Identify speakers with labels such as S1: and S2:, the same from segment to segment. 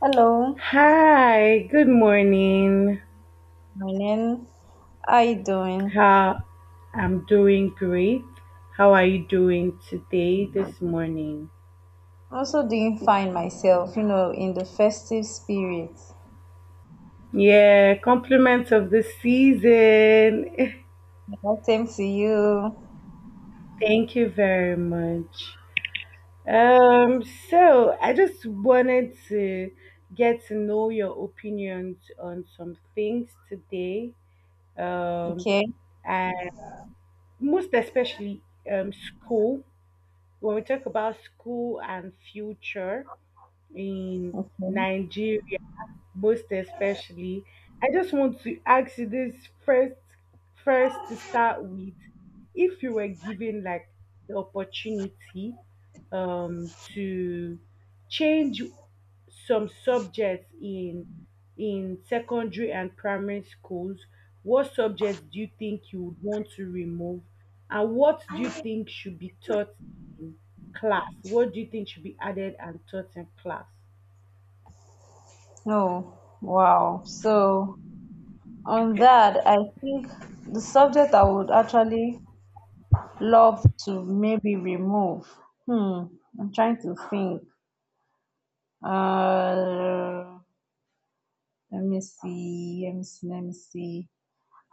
S1: Hello,
S2: Hi, good morning.
S1: morning. How you doing?
S2: How I'm doing great. How are you doing today this morning?
S1: I'm also doing fine myself, you know, in the festive spirit.
S2: Yeah, compliments of the season.
S1: Yeah, same to you.
S2: Thank you very much. Um, so I just wanted to get to know your opinions on some things today. Um,
S1: Okay.
S2: and most especially school. When we talk about school and future, in
S1: Okay.
S2: Nigeria, most especially. I just want to ask you this first, first to start with, if you were given like the opportunity to change some subjects in secondary and primary schools, what subjects do you think you would want to remove, and what do you think should be taught in class? What do you think should be added and taught in class?
S1: Oh, wow. So on that, I think the subject I would actually love to maybe remove. Hmm. I'm trying to think. Uh, Let me see. Let me see. Let me see.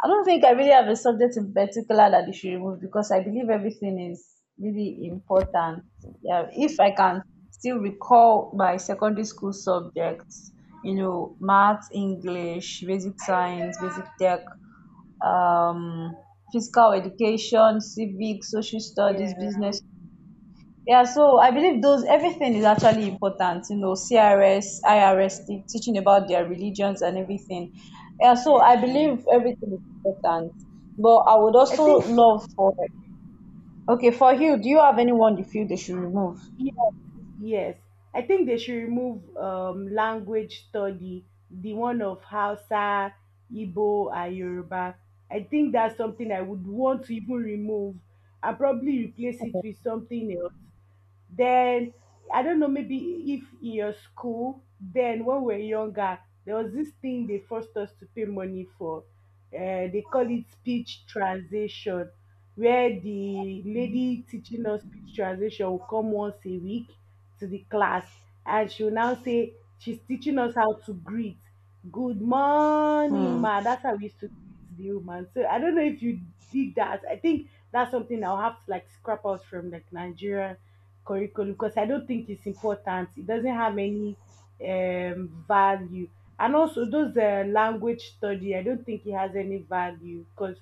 S1: I don't think I really have a subject in particular that you should remove because I believe everything is really important. Yeah, if I can still recall my secondary school subjects, you know, math, English, basic science, basic tech, um, physical education, civic, social studies,
S2: Yeah,
S1: business, yeah, so I believe those everything is actually important, you know, CRS, IRS, teaching about their religions and everything. Yeah, so I
S2: yeah.
S1: believe everything is important. But I would
S2: I
S1: also
S2: think for
S1: love for, okay, for you, do you have anyone you feel they should remove?
S2: years, yes. I think they should remove language study, the one of Hausa, Igbo, and Yoruba. I think that's something I would want to even remove and probably replace it with something else. Then I don't know, maybe if in your school, then when we are younger, there was this thing they forced us to pay money for. They call it speech translation, where the lady teaching us speech translation will come once a week to the class, and she will now say she's teaching us how to greet. Good morning,
S1: Hmm.
S2: ma. That's how we used to greet the woman. So I don't know if you did that. I think that's something I'll have to like scrap out from like Nigeria curriculum because I don't think it's important. It doesn't have any value. And also, those language study, I don't think it has any value because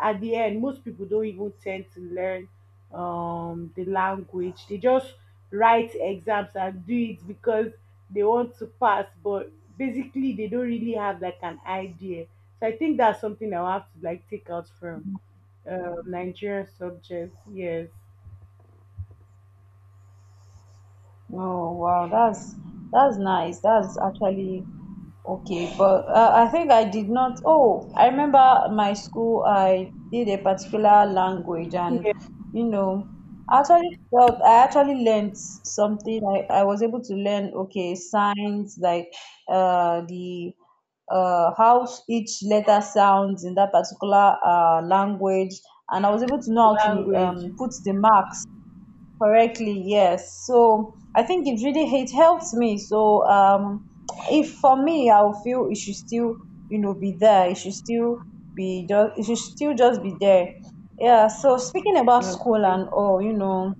S2: at the end, most people don't even tend to learn the language. They just write exams and do it because they want to pass, but basically, they don't really have like an idea. So I think that's something I'll have to like take out from Nigerian subjects. Yes.
S1: Oh wow, that's nice. That's actually okay, but I think I did not. Oh, I remember my school, I did a particular language and,
S2: Yes,
S1: you know, I actually felt I actually learned something. I was able to learn, okay, signs like the how each letter sounds in that particular language. And I was able to know how to
S2: language.
S1: put the marks correctly. Yes, so I think it really it helps me. So if for me I'll feel it should still, you know, be there. It should still be just, it should still just be there. Yeah, so speaking about school
S2: Okay.
S1: and all, you know,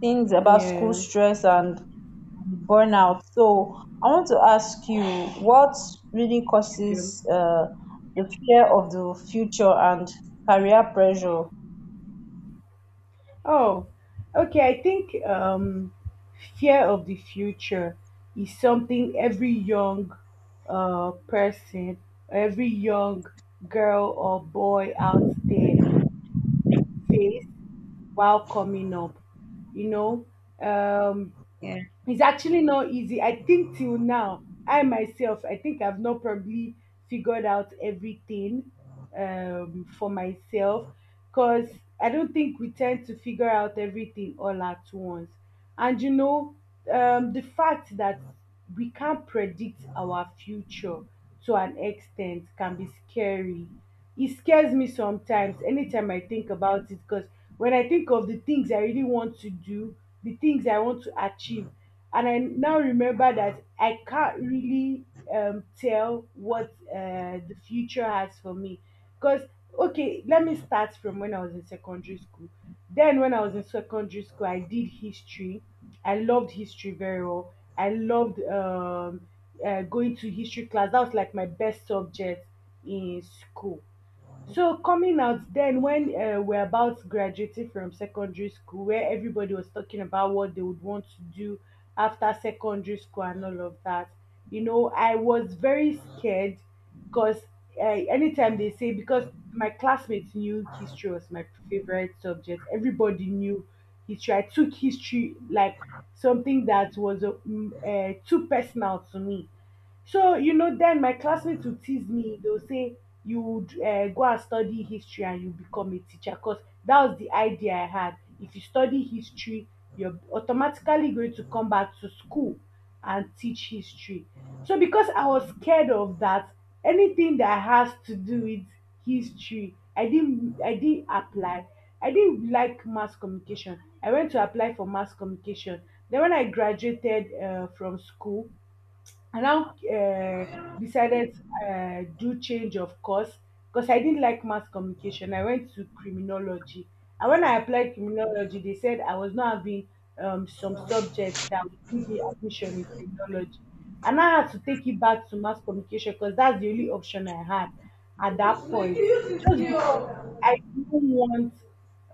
S1: things about school
S2: Yeah.
S1: stress and burnout, so I want to ask you what really
S2: yeah.
S1: causes the fear of the future and career pressure.
S2: Oh, okay. I think fear of the future is something every young person, every young girl or boy out there face while coming up. You know, um,
S1: Yeah.
S2: it's actually not easy. I think till now, I myself, I think I've not probably figured out everything for myself because I don't think we tend to figure out everything all at once. And you know, the fact that we can't predict our future to an extent can be scary. It scares me sometimes anytime I think about it because when I think of the things I really want to do, the things I want to achieve, and I now remember that I can't really tell what the future has for me. Because, okay, let me start from when I was in secondary school. Then, when I was in secondary school, I did history. I loved history very well. I loved going to history class. That was like my best subject in school. So coming out then when we're about graduating from secondary school, where everybody was talking about what they would want to do after secondary school and all of that, you know, I was very scared because anytime they say because my classmates knew history was my favorite subject, everybody knew history. I took history like something that was too personal to me. So, you know, then my classmates would tease me. They would say, you would go and study history and you become a teacher because that was the idea I had. If you study history, you're automatically going to come back to school and teach history. So, because I was scared of that, anything that has to do with history, I didn't apply. I didn't like mass communication. I went to apply for mass communication. Then, when I graduated from school, I now decided do change of course because I didn't like mass communication. I went to criminology, and when I applied criminology, they said I was not having some subjects that would give me admission in criminology, and I had to take it back to mass communication because that's the only option I had at that point. Just because I didn't want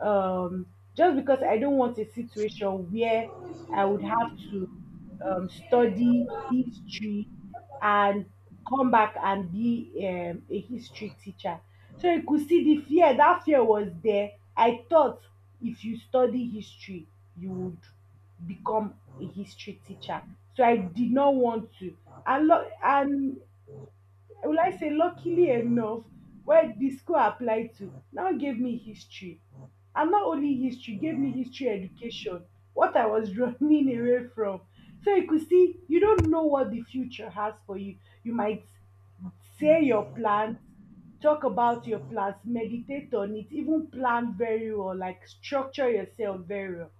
S2: um, just because I don't want a situation where I would have to study history and come back and be a history teacher. So you could see the fear, that fear was there. I thought if you study history, you would become a history teacher. So I did not want to. And will I say luckily enough where the school I applied to now gave me history. And not only history, gave me history education, what I was running away from. So you could see you don't know what the future has for you. You might say your plans, talk about your plans, meditate on it, even plan very well, like structure yourself very well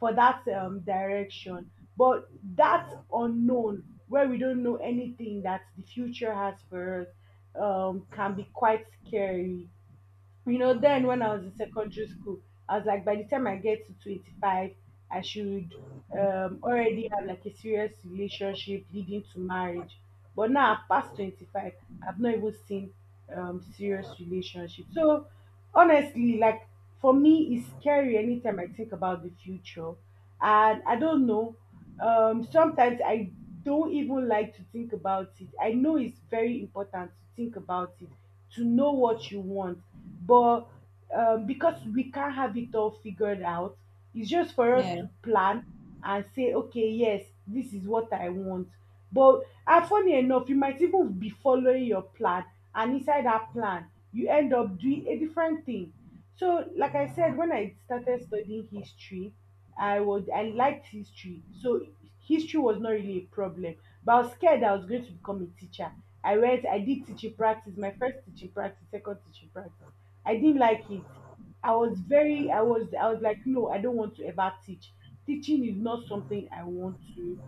S2: for that direction, but that unknown where we don't know anything that the future has for us can be quite scary. You know, then when I was in secondary school, I was like, by the time I get to 25, I should already have like a serious relationship leading to marriage. But now I've passed 25, I've not even seen serious relationship. So honestly, like for me, it's scary anytime I think about the future. And I don't know, sometimes I don't even like to think about it. I know it's very important to think about it to know what you want. But because we can't have it all figured out, it's just for us
S1: Yeah.
S2: to plan and say, okay, yes, this is what I want. But and funny enough, you might even be following your plan, and inside that plan, you end up doing a different thing. So, like I said, when I started studying history, I liked history. So history was not really a problem. But I was scared I was going to become a teacher. I went, I did teaching practice, my first teaching practice, second teaching practice. I didn't like it. I was like, no, I don't want to ever teach. Teaching is not something I want to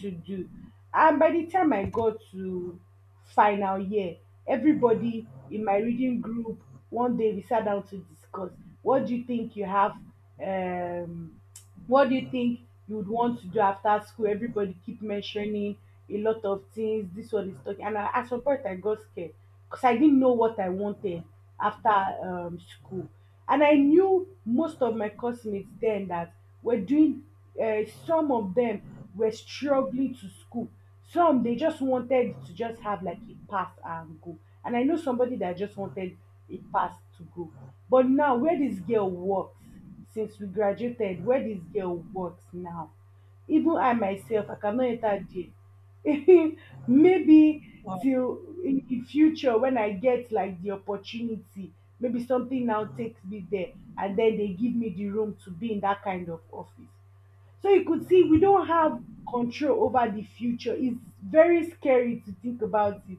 S2: do. And by the time I got to final year, everybody in my reading group, one day we sat down to discuss, what do you think you have, um what do you think you would want to do after school? Everybody keep mentioning a lot of things, this one is talking, and I, at some point I got scared because I didn't know what I wanted after school. And I knew most of my classmates then, that were doing, some of them were struggling to school, some they just wanted to just have like a pass and go. And I know somebody that just wanted a pass to go. But now where this girl works since we graduated, where this girl works now, even I myself, I cannot enter there. Maybe till in the future when I get like the opportunity, maybe something now takes me there and then they give me the room to be in that kind of office. So you could see we don't have control over the future. It's very scary to think about it.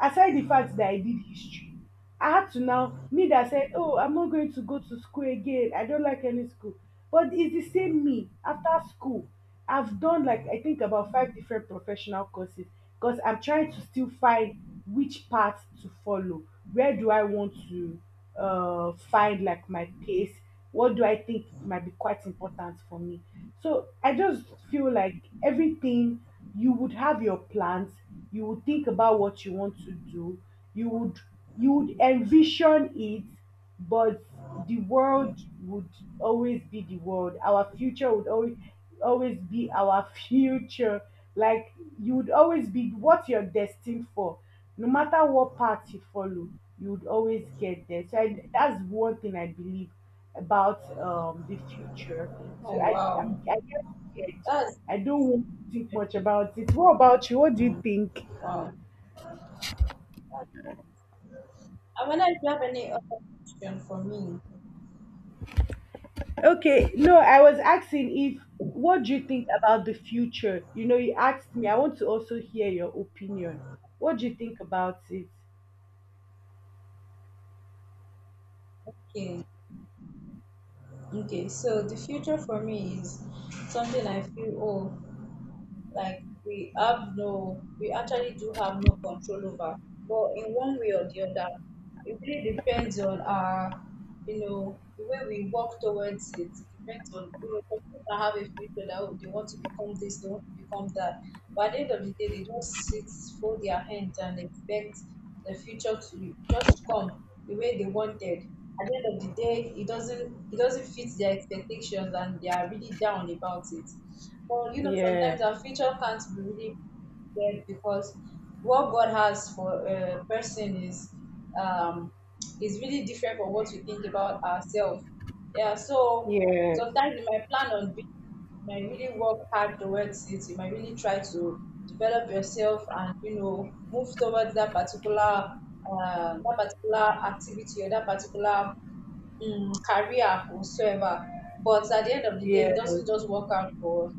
S2: Aside the fact that I did history, I had to now, me that said, oh, I'm not going to go to school again. I don't like any school. But it's the same me after school. I've done like I think about five different professional courses because I'm trying to still find which path to follow. Where do I want to find like my pace? What do I think might be quite important for me? So I just feel like everything, you would have your plans, you would think about what you want to do, you would you would envision it, but the world would always be the world our future would always always be our future. Like you would always be what you're destined for, no matter what path you follow you would always get there. So I, that's one thing I believe about the future.
S1: Oh wow.
S2: I get scared.
S1: That's
S2: I don't want to think much about it. What about you? What do you
S1: mm,
S2: think?
S1: wow. I wonder if you have any other question for me.
S2: Okay, no, I was asking if what do you think about the future? You know, you asked me. I want to also hear your opinion. What do you think about it?
S1: Okay. Okay. So the future for me is something I feel, oh, like we have no, we actually do have no control over, but in one way or the other, it really depends on our, you know, the way we work towards it. It depends on, you know, some people that have a future that, oh, they want to become this, they want to become that, but at the end of the day they just sit, fold their hands and expect the future to just come the way they wanted. At the end of the day it doesn't, it doesn't fit their expectations and they are really down about it. But you know,
S2: Yeah,
S1: sometimes our future can't be really prepared because what God has for a person um, is really different from what we think about ourselves. Yeah, so
S2: yeah,
S1: sometimes you might plan on being, you might really work hard towards it. You might really try to develop yourself and, you know, move towards that particular activity or that particular career whatsoever, but at the end of the day it
S2: yes,
S1: doesn't just work out for us.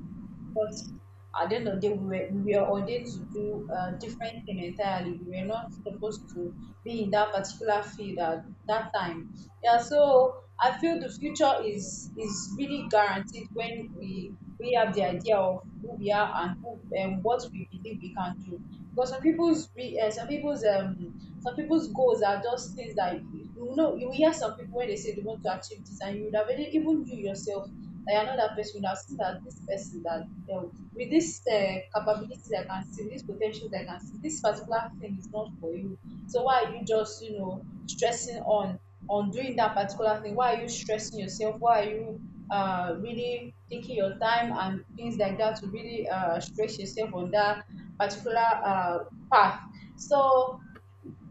S1: But at the end of the day we were ordained to do a different thing entirely. We were not supposed to be in that particular field at that time. Yeah, so I feel the future is really guaranteed when we have the idea of who we are and who and what we believe we can do. Because some people's some people's some people's goals are just things that, you know, you will hear some people when they say they want to achieve this and you would have already- even you yourself, like another person would have seen that this person that with this capabilities I can see, with this potential I can see, this particular thing is not for you. So why are you just, you know, stressing on doing that particular thing? Why are you stressing yourself? Why are you really taking your time and things like that to really stress yourself on that particular uh, path? So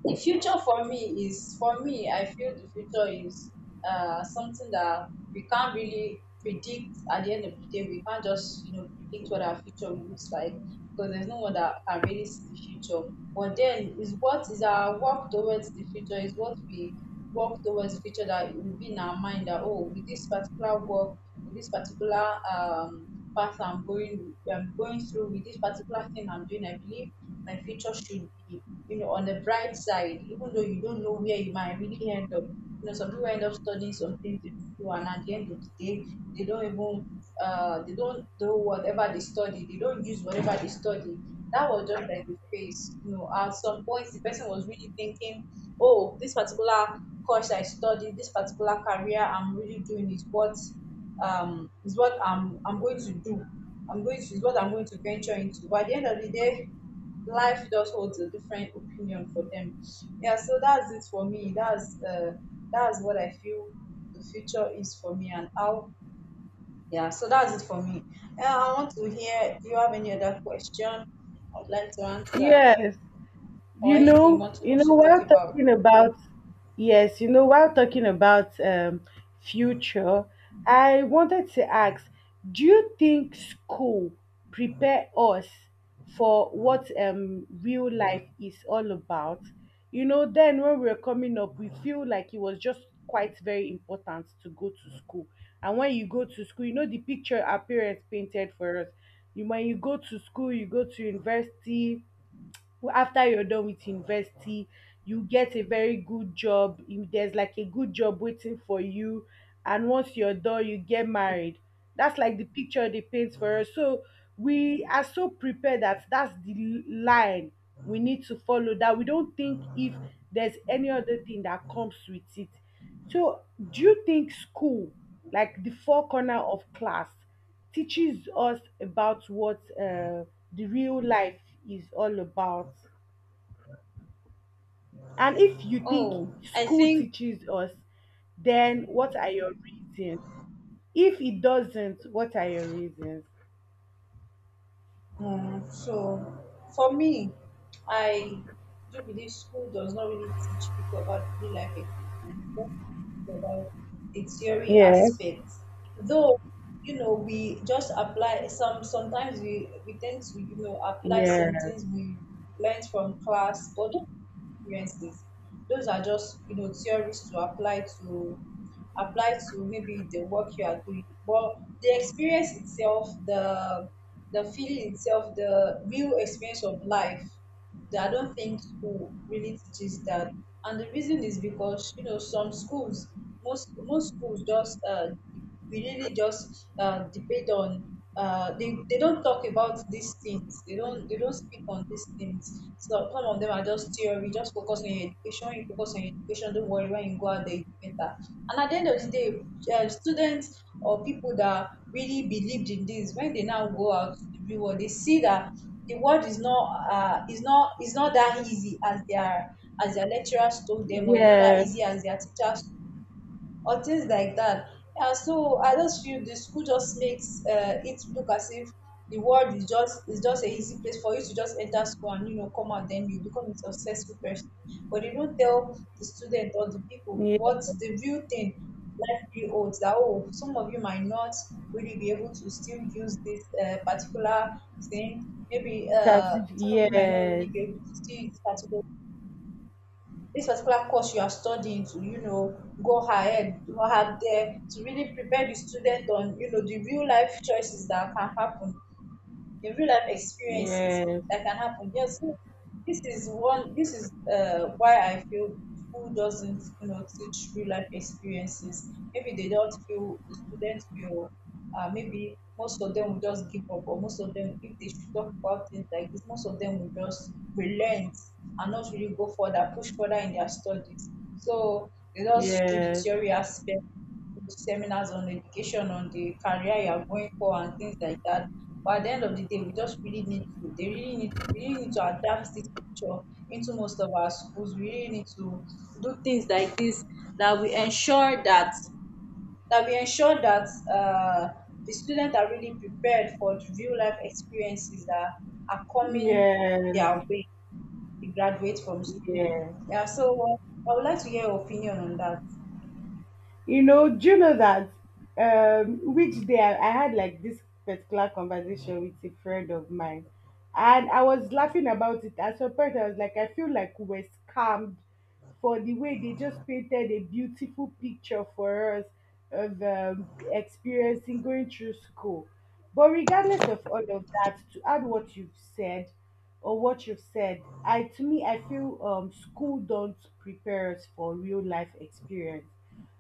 S1: the future for me is, for me, I feel the future is something that we can't really predict. At the end of the day, we can't just, you know, predict what our future looks like because there's no one that can really see the future. But then is what is our work towards the future, is what we work towards the future that will be in our mind, that oh, with this particular work, with this particular path I'm going, I'm going through with this particular thing I'm doing, I believe my future should be, you know, on the bright side. Even though you don't know where you might really end up, you know, some people end up studying some things they do, and at the end of the day they don't even, they don't do whatever they study, they don't use whatever they study. That was just like a phase. You know, at some point, the person was really thinking, oh, this particular course I studied, this particular career I'm really doing is what I'm going to do. I'm going to Is what I'm going to venture into. But at the end of the day, life just holds a different opinion for them. Yeah, so that's it for me. That's what I feel the future is for me and how, yeah, so that's it for me. I want to hear, do you have any other question I would like to answer
S2: yes.
S1: or anything you want to
S2: You know
S1: also talk
S2: while
S1: about?
S2: talking about yes you know while talking about future, I wanted to ask, do you think school prepare us for what real life is all about? You know, then when we were coming up, we feel like it was just quite very important to go to school. And when you go to school, you know, the picture our parents painted for us, you, when you go to school, you go to university. After you're done with university, you get a very good job, you, there's like a good job waiting for you. And once you're done, you get married. That's like the picture they paint for us. So we are so prepared that's the line we need to follow, that we don't think if there's any other thing that comes with it. So do you think school, like the four corner of class, teaches us about what the real life is all about? And if you think
S1: Oh, I
S2: school
S1: think
S2: teaches us, then what are your reasons? If it doesn't, what are your reasons?
S1: mm, so for me, I do believe school does not really teach people about real life experience. It does teach people about the theory
S2: Yes,
S1: aspect. Though, you know, we just apply some, sometimes we tend to, you know, apply some
S2: yes,
S1: things we learned from class, but those experiences, those are just, you know, theories to apply to, apply to maybe the work you are doing. But the experience itself, the feeling itself, the real experience of life, I don't think school really teaches that. And the reason is because, you know, some schools, most schools just we really just debate on. They don't talk about these things. They don't, they don't speak on these things. So some of them are just theory. Just focus on your education. You focus on your education. Don't worry, when you go out there, you be better. And at the end of the day, students or people that really believed in this, when they now go out to the real world, they see that the world is not is not, is not that easy as their lecturers told them, or it's not that
S2: yes,
S1: easy as their teachers or things like that. And so I just feel the school just makes it look as if the world is just, is just a easy place for you to just enter school and, you know, come out, then you become a successful person. But they don't tell the student or the people
S2: yes,
S1: what the real thing life really holds. That oh, some of you might not really be able to still use this particular thing. Maybe
S2: as if-
S1: some of you might not
S2: yes,
S1: really be able to still use this particular, this particular course you are studying to, you know, go ahead, go out there to really prepare the student on, you know, the real life choices that can happen, the real life experiences
S2: yes,
S1: that can happen. Yes, so this is one. This is why I feel school doesn't, you know, teach real life experiences. Maybe they don't feel the students will. Maybe most of them will just give up, or most of them, if they should talk about things like this, most of them will just relent and not really go further, push further in their studies. So they just do the
S2: yes,
S1: theory aspect, seminars on education, on the career you are going for and things like that. But at the end of the day, we just really need to, they really need to, we really need to adapt this culture into most of our schools. We really need to do things like this, that we ensure that, that we ensure that uh, the students are really prepared for the real life experiences that are coming
S2: yes,
S1: their way. They graduate from school.
S2: yes.
S1: Yeah, so I would like to hear your opinion on that.
S2: You know, do you know that, which day I had like this particular conversation with a friend of mine, and I was laughing about it. At some point, I was like, I feel like we were scammed for the way they just painted a beautiful picture for us of, experiencing going through school. But regardless of all of that, to add what you've said or what you've said, I to me I feel school don't prepare us for real life experience,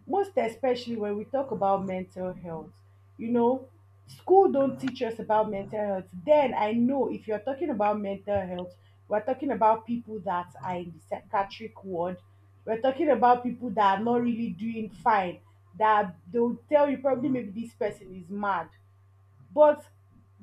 S2: most especially when we talk about mental health. You know, school don't teach us about mental health. Then I know if you're talking about mental health, we're talking about people that are in the psychiatric ward, we're talking about people that are not really doing fine, that they'll tell you probably maybe this person is mad. But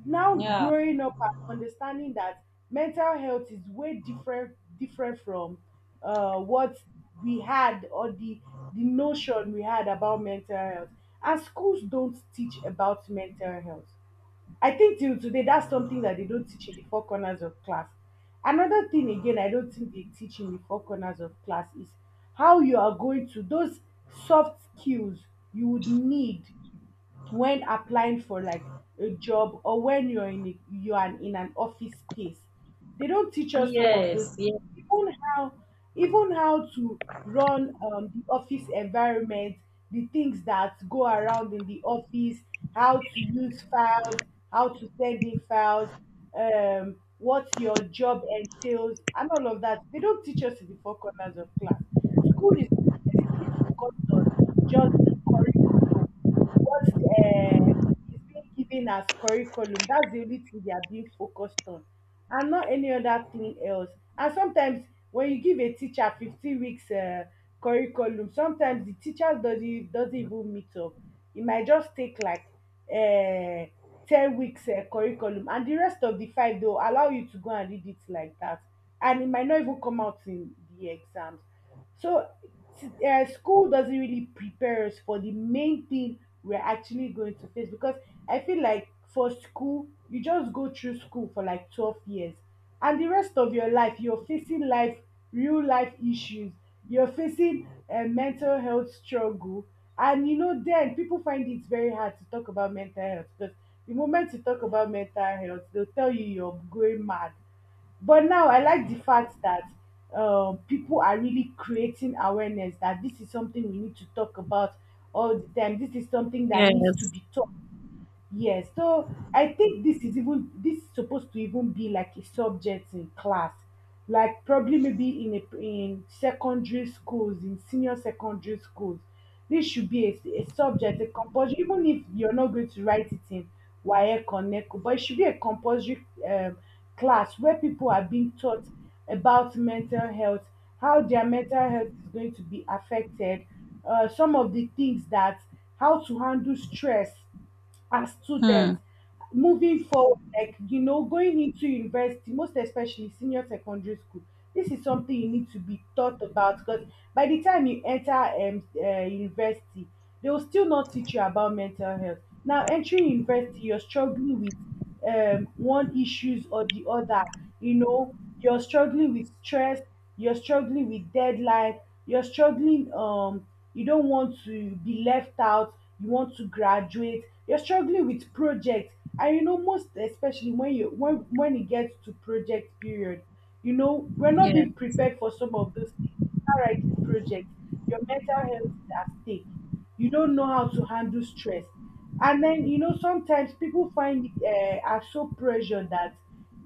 S2: now,
S1: Yeah.
S2: growing up and understanding that mental health is way different from what we had, or the notion we had about mental health. And schools don't teach about mental health. I think till today that's something that they don't teach in the four corners of class. Another thing again I don't think they teach in the four corners of class is how you are going to those soft skills you would need when applying for like a job, or when you're in a, you are in an office space, they don't teach us some of those things. Even how, to run the office environment, the things that go around in the office, how to use files, how to send in files, what your job entails and all of that, they don't teach us in the four corners of class. School is the people got done, just the curriculum. What is being given as curriculum, that's the only thing they are being focused on, and not any other thing else. And sometimes when you give a teacher 15 weeks curriculum, sometimes the teacher doesn't even meet up. It might just take like uh, 10 weeks curriculum, and the rest of the five, they'll allow you to go and read it like that. And it might not even come out in the exams. So school doesn't really prepare us for the main thing we're actually going to face. Because I feel like for school, you just go through school for like 12 years, and the rest of your life, you're facing life, real life issues, you're facing a mental health struggle. And you know, then people find it very hard to talk about mental health, because the moment you talk about mental health, they'll tell you you're going mad. But now I like the fact that people are really creating awareness that this is something we need to talk about all the time. This is something that needs to be taught. Yes, so I think this is even, this is supposed to even be like a subject in class, like probably maybe in a, in secondary schools, in senior secondary schools, this should be a subject, a compulsory. Even if you're not going to write it in WAEC or NECO, but it should be a compulsory class where people are being taught about mental health, how their mental health is going to be affected, some of the things that, how to handle stress as
S1: Hmm.
S2: students moving forward. Like, you know, going into university, most especially senior secondary school, this is something you need to be taught about. Because by the time you enter university, they will still not teach you about mental health. Now entering university, you're struggling with one issues or the other. You know, you're struggling with stress, you're struggling with deadline, you're struggling. You don't want to be left out. You want to graduate. You're struggling with projects, and you know most especially when you, when it gets to project period, you know we're
S1: Yeah.
S2: not being prepared for some of those things. Start writing projects. Your mental health is at stake, you don't know how to handle stress. And then you know sometimes people find are so pressured that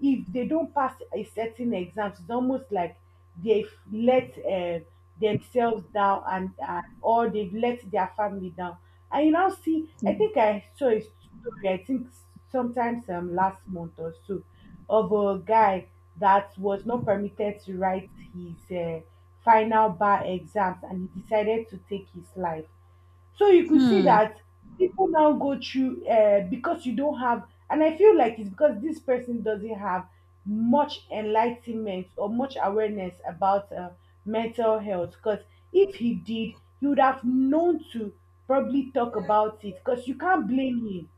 S2: if they don't pass a certain exam, it's almost like they've let themselves down, and or they've let their family down. And you now see, I think I saw a story, I think sometimes last month or so, of a guy that was not permitted to write his final bar exams, and he decided to take his life. So you could see
S1: Hmm.
S2: that people now go through because you don't have, and I feel like it's because this person doesn't have much enlightenment or much awareness about mental health. Because if he did, he would have known to probably talk about it. Because you can't blame him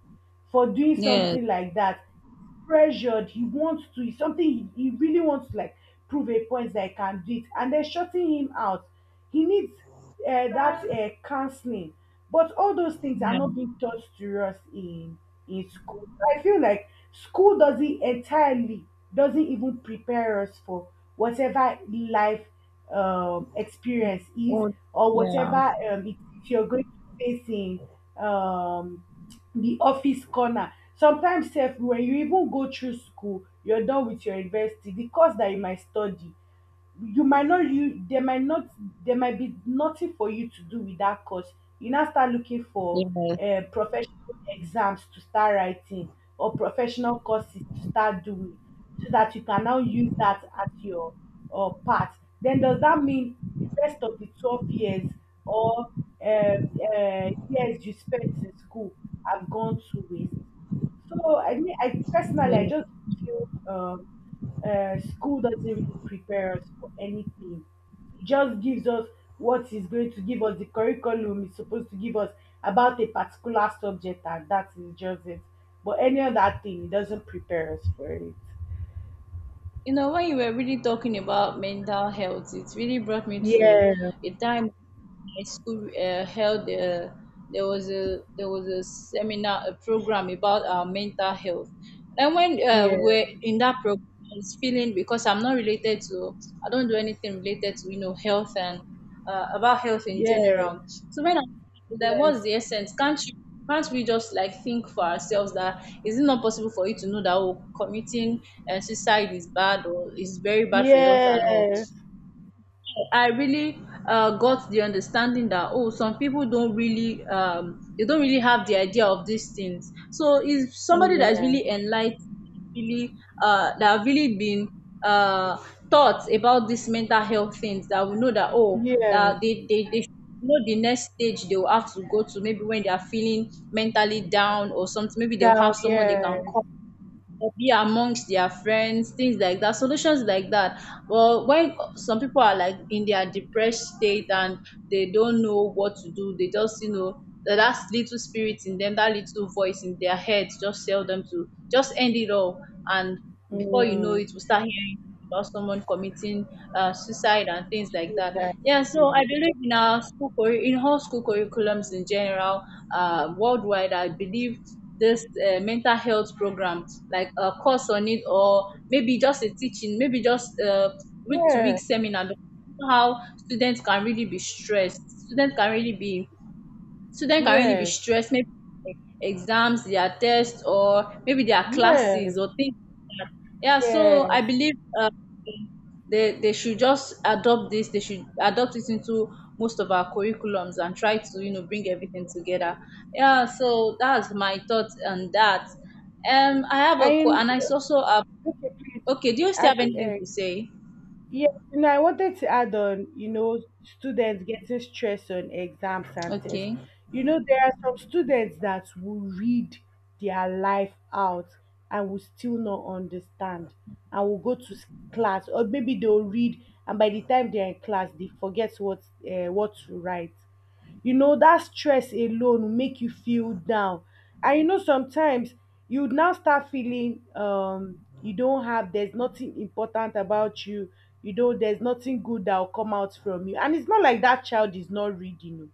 S2: for doing
S1: Yes.
S2: something like that. Pressured. He wants to. It's something he really wants to like prove a point that I can do it. And they're shutting him out. He needs that counseling. But all those things are
S1: Yeah.
S2: not being taught to us in school. I feel like school doesn't entirely, doesn't even prepare us for whatever life experience is,
S1: Oh,
S2: or whatever, it, if you're going to face in, um, the office corner. Sometimes sef, when you even go through school, you're done with your university, the course that you might study, you might not, you, there might not, there might be nothing for you to do with that course. You now start looking for professional exams to start writing, or professional courses to start doing, so that you can now use that as your part. Then does that mean the rest of the 12 years, or um, years you spent in school, have gone to waste? So I mean, I personally, I
S1: wait.
S2: just feel school doesn't really prepare us for anything. It just gives us what is going to give us, the curriculum is supposed to give us about a particular subject, and that is just it. But any other thing, it doesn't prepare us for it.
S1: You know, when you were really talking about mental health, it really brought me to
S2: Yeah,
S1: a time my school held there was a, there was a seminar, a program about our mental health. And when
S2: yeah,
S1: we're in that program, I was feeling, because I'm not related to, I don't do anything related to, you know, health and about health in
S2: yeah,
S1: general. So when I that what's
S2: yes,
S1: the essence? Can't you can't we just like think for ourselves that is it not possible for you to know that oh, committing suicide is bad or is very bad for your health and all?
S2: yes,
S1: I really got the understanding that oh, some people don't really they don't really have the idea of these things. So is somebody that's
S2: yes,
S1: really enlightened, really that have really been uh, taught about these mental health things that we know that oh
S2: yes,
S1: that they should know the next stage they will have to go to, maybe when they are feeling mentally down or something, maybe they'll
S2: down,
S1: have someone they can
S2: yes,
S1: call or be amongst their friends, things like that, solutions like that. Well, when some people are like in their depressed state and they don't know what to do, they just, you know, that little spirit in them, that little voice in their head just tell them to just end it all. And before you know it, we
S2: mm,
S1: start hearing or someone committing suicide and things like
S2: shoot
S1: that.
S2: that,
S1: Yeah, so I
S2: yes,
S1: believe in our school, in all school curriculums in general, worldwide, I believe this mental health program, like a course on it, or maybe just a teaching, maybe just a week to week
S2: yes.
S1: seminar, because you know how students can really be stressed. Students can really be
S2: Yes,
S1: stressed, maybe exams, their tests, or maybe their
S2: yes,
S1: classes or things like that. Yeah, so I
S2: yes.
S1: believe they should just adopt this. They should adopt it into most of our curriculums and try to, you know, bring everything together. Yeah, so that's my thoughts on that. I have a
S2: And
S1: and I also have.
S2: okay, please.
S1: Okay, do you still
S2: I,
S1: have
S2: c-
S1: anything
S2: uh,
S1: to say?
S2: yeah, you know, I wanted to add on, you know, students getting stressed on exams and tests.
S1: Okay.
S2: You know, there are some students that will read their life out and will still not understand, and will go to class, or maybe they'll read and by the time they're in class, they forget what to write. You know that stress alone will make you feel down. And you know sometimes you would now start feeling you don't have, there's nothing important about you, you know there's nothing good that will come out from you. And it's not like that child is not reading, oh,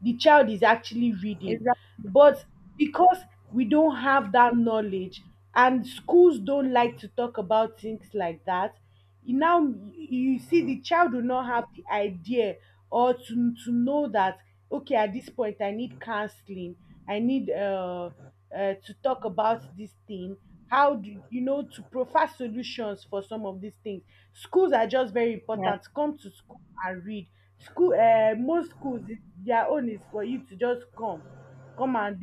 S2: the child is actually reading.
S1: Exactly.
S2: But because we don't have that knowledge, and schools don't like to talk about things like that, now you see the child will not have the idea or to know that, okay, at this point I need counseling, I need to talk about this thing. How do you know to provide solutions for some of these things? Schools are just very
S1: Yeah.
S2: important, come to school and read. School most schools, their own is for you to just come, come and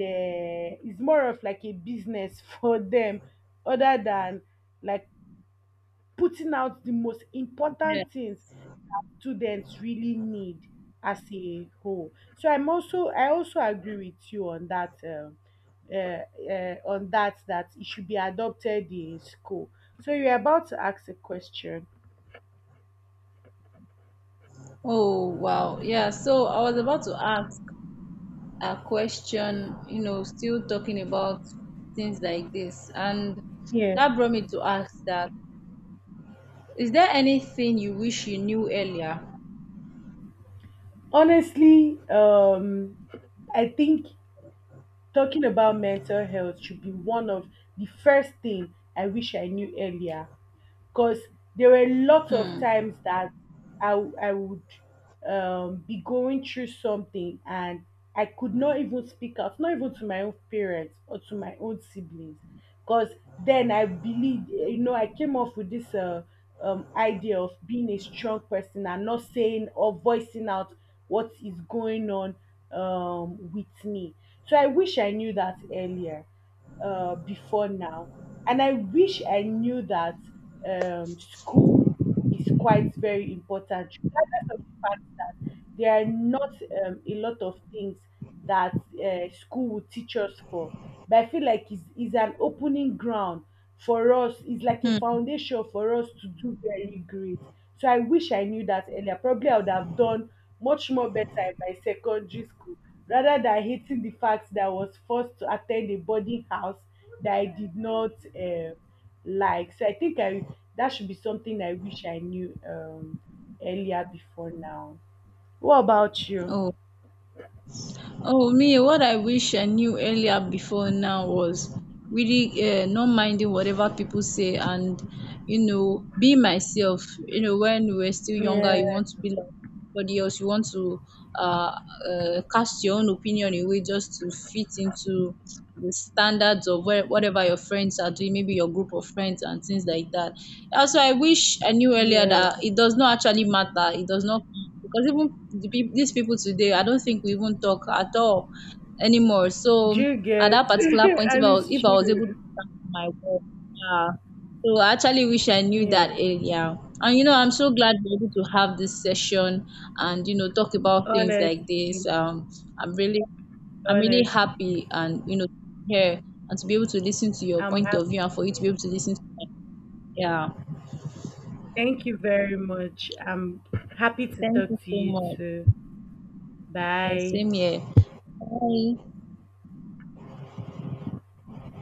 S2: it's more of like a business for them, other than like putting out the most
S1: Yeah.
S2: important things students really need as a whole. So I'm also, I also agree with you on that uh, on that, that it should be adopted in school. So you're about to ask a question.
S1: Oh wow. Yeah. So I was about to ask a question, you know, still talking about things like this. And
S2: Yeah.
S1: that brought me to ask that, is there anything you wish you knew earlier?
S2: Honestly, I think talking about mental health should be one of the first thing I wish I knew earlier. Because there were a lot of
S1: Hmm.
S2: times that I would be going through something and I could not even speak out, not even to my own parents or to my own siblings. Because then I believe, you know, I came off with this idea of being a strong person and not saying or voicing out what is going on with me. So I wish I knew that earlier before now. And I wish I knew that school is quite very important, regardless of the fact that there are not a lot of things that school will teach us for. But I feel like it's an opening ground for us, it's like a
S1: Hmm.
S2: foundation for us to do very great. So I wish I knew that earlier. Probably I would have done much more better in my secondary school, rather than hating the fact that I was forced to attend a boarding house that I did not uh like. So I think I that should be something I wish I knew earlier before now. What about you?
S1: Oh. Oh me, what I wish I knew earlier before now was really not minding whatever people say and, you know, be myself. You know, when we were still younger, you
S2: Yeah,
S1: want to be like everybody else, you want to uh, cast your own opinion away just to fit into the standards of where, whatever your friends are doing, maybe your group of friends and things like that. Also, I wish I knew earlier
S2: yeah.
S1: that it does not actually matter. It does not, because even the, these people today, I don't think we even talk at all anymore.
S2: Do
S1: So
S2: you
S1: at
S2: get?
S1: that particular point,
S2: And it's
S1: if I was able to
S2: true.
S1: stand my word, yeah. So I actually wish I knew
S2: Yeah,
S1: that earlier. And you know, I'm so glad we're able to have this session and, you know, talk about things like this.
S2: honestly,
S1: I'm really I'm really
S2: honestly,
S1: happy and, you know, here and to be able to listen to your
S2: I'm
S1: point of view
S2: happy.
S1: and for you to be able to listen to my, yeah.
S2: Thank you very much. I'm happy to
S1: Thank you
S2: talk to
S1: so
S2: you
S1: much.
S2: too.
S1: Yeah,
S2: Bye.
S1: same here. Bye.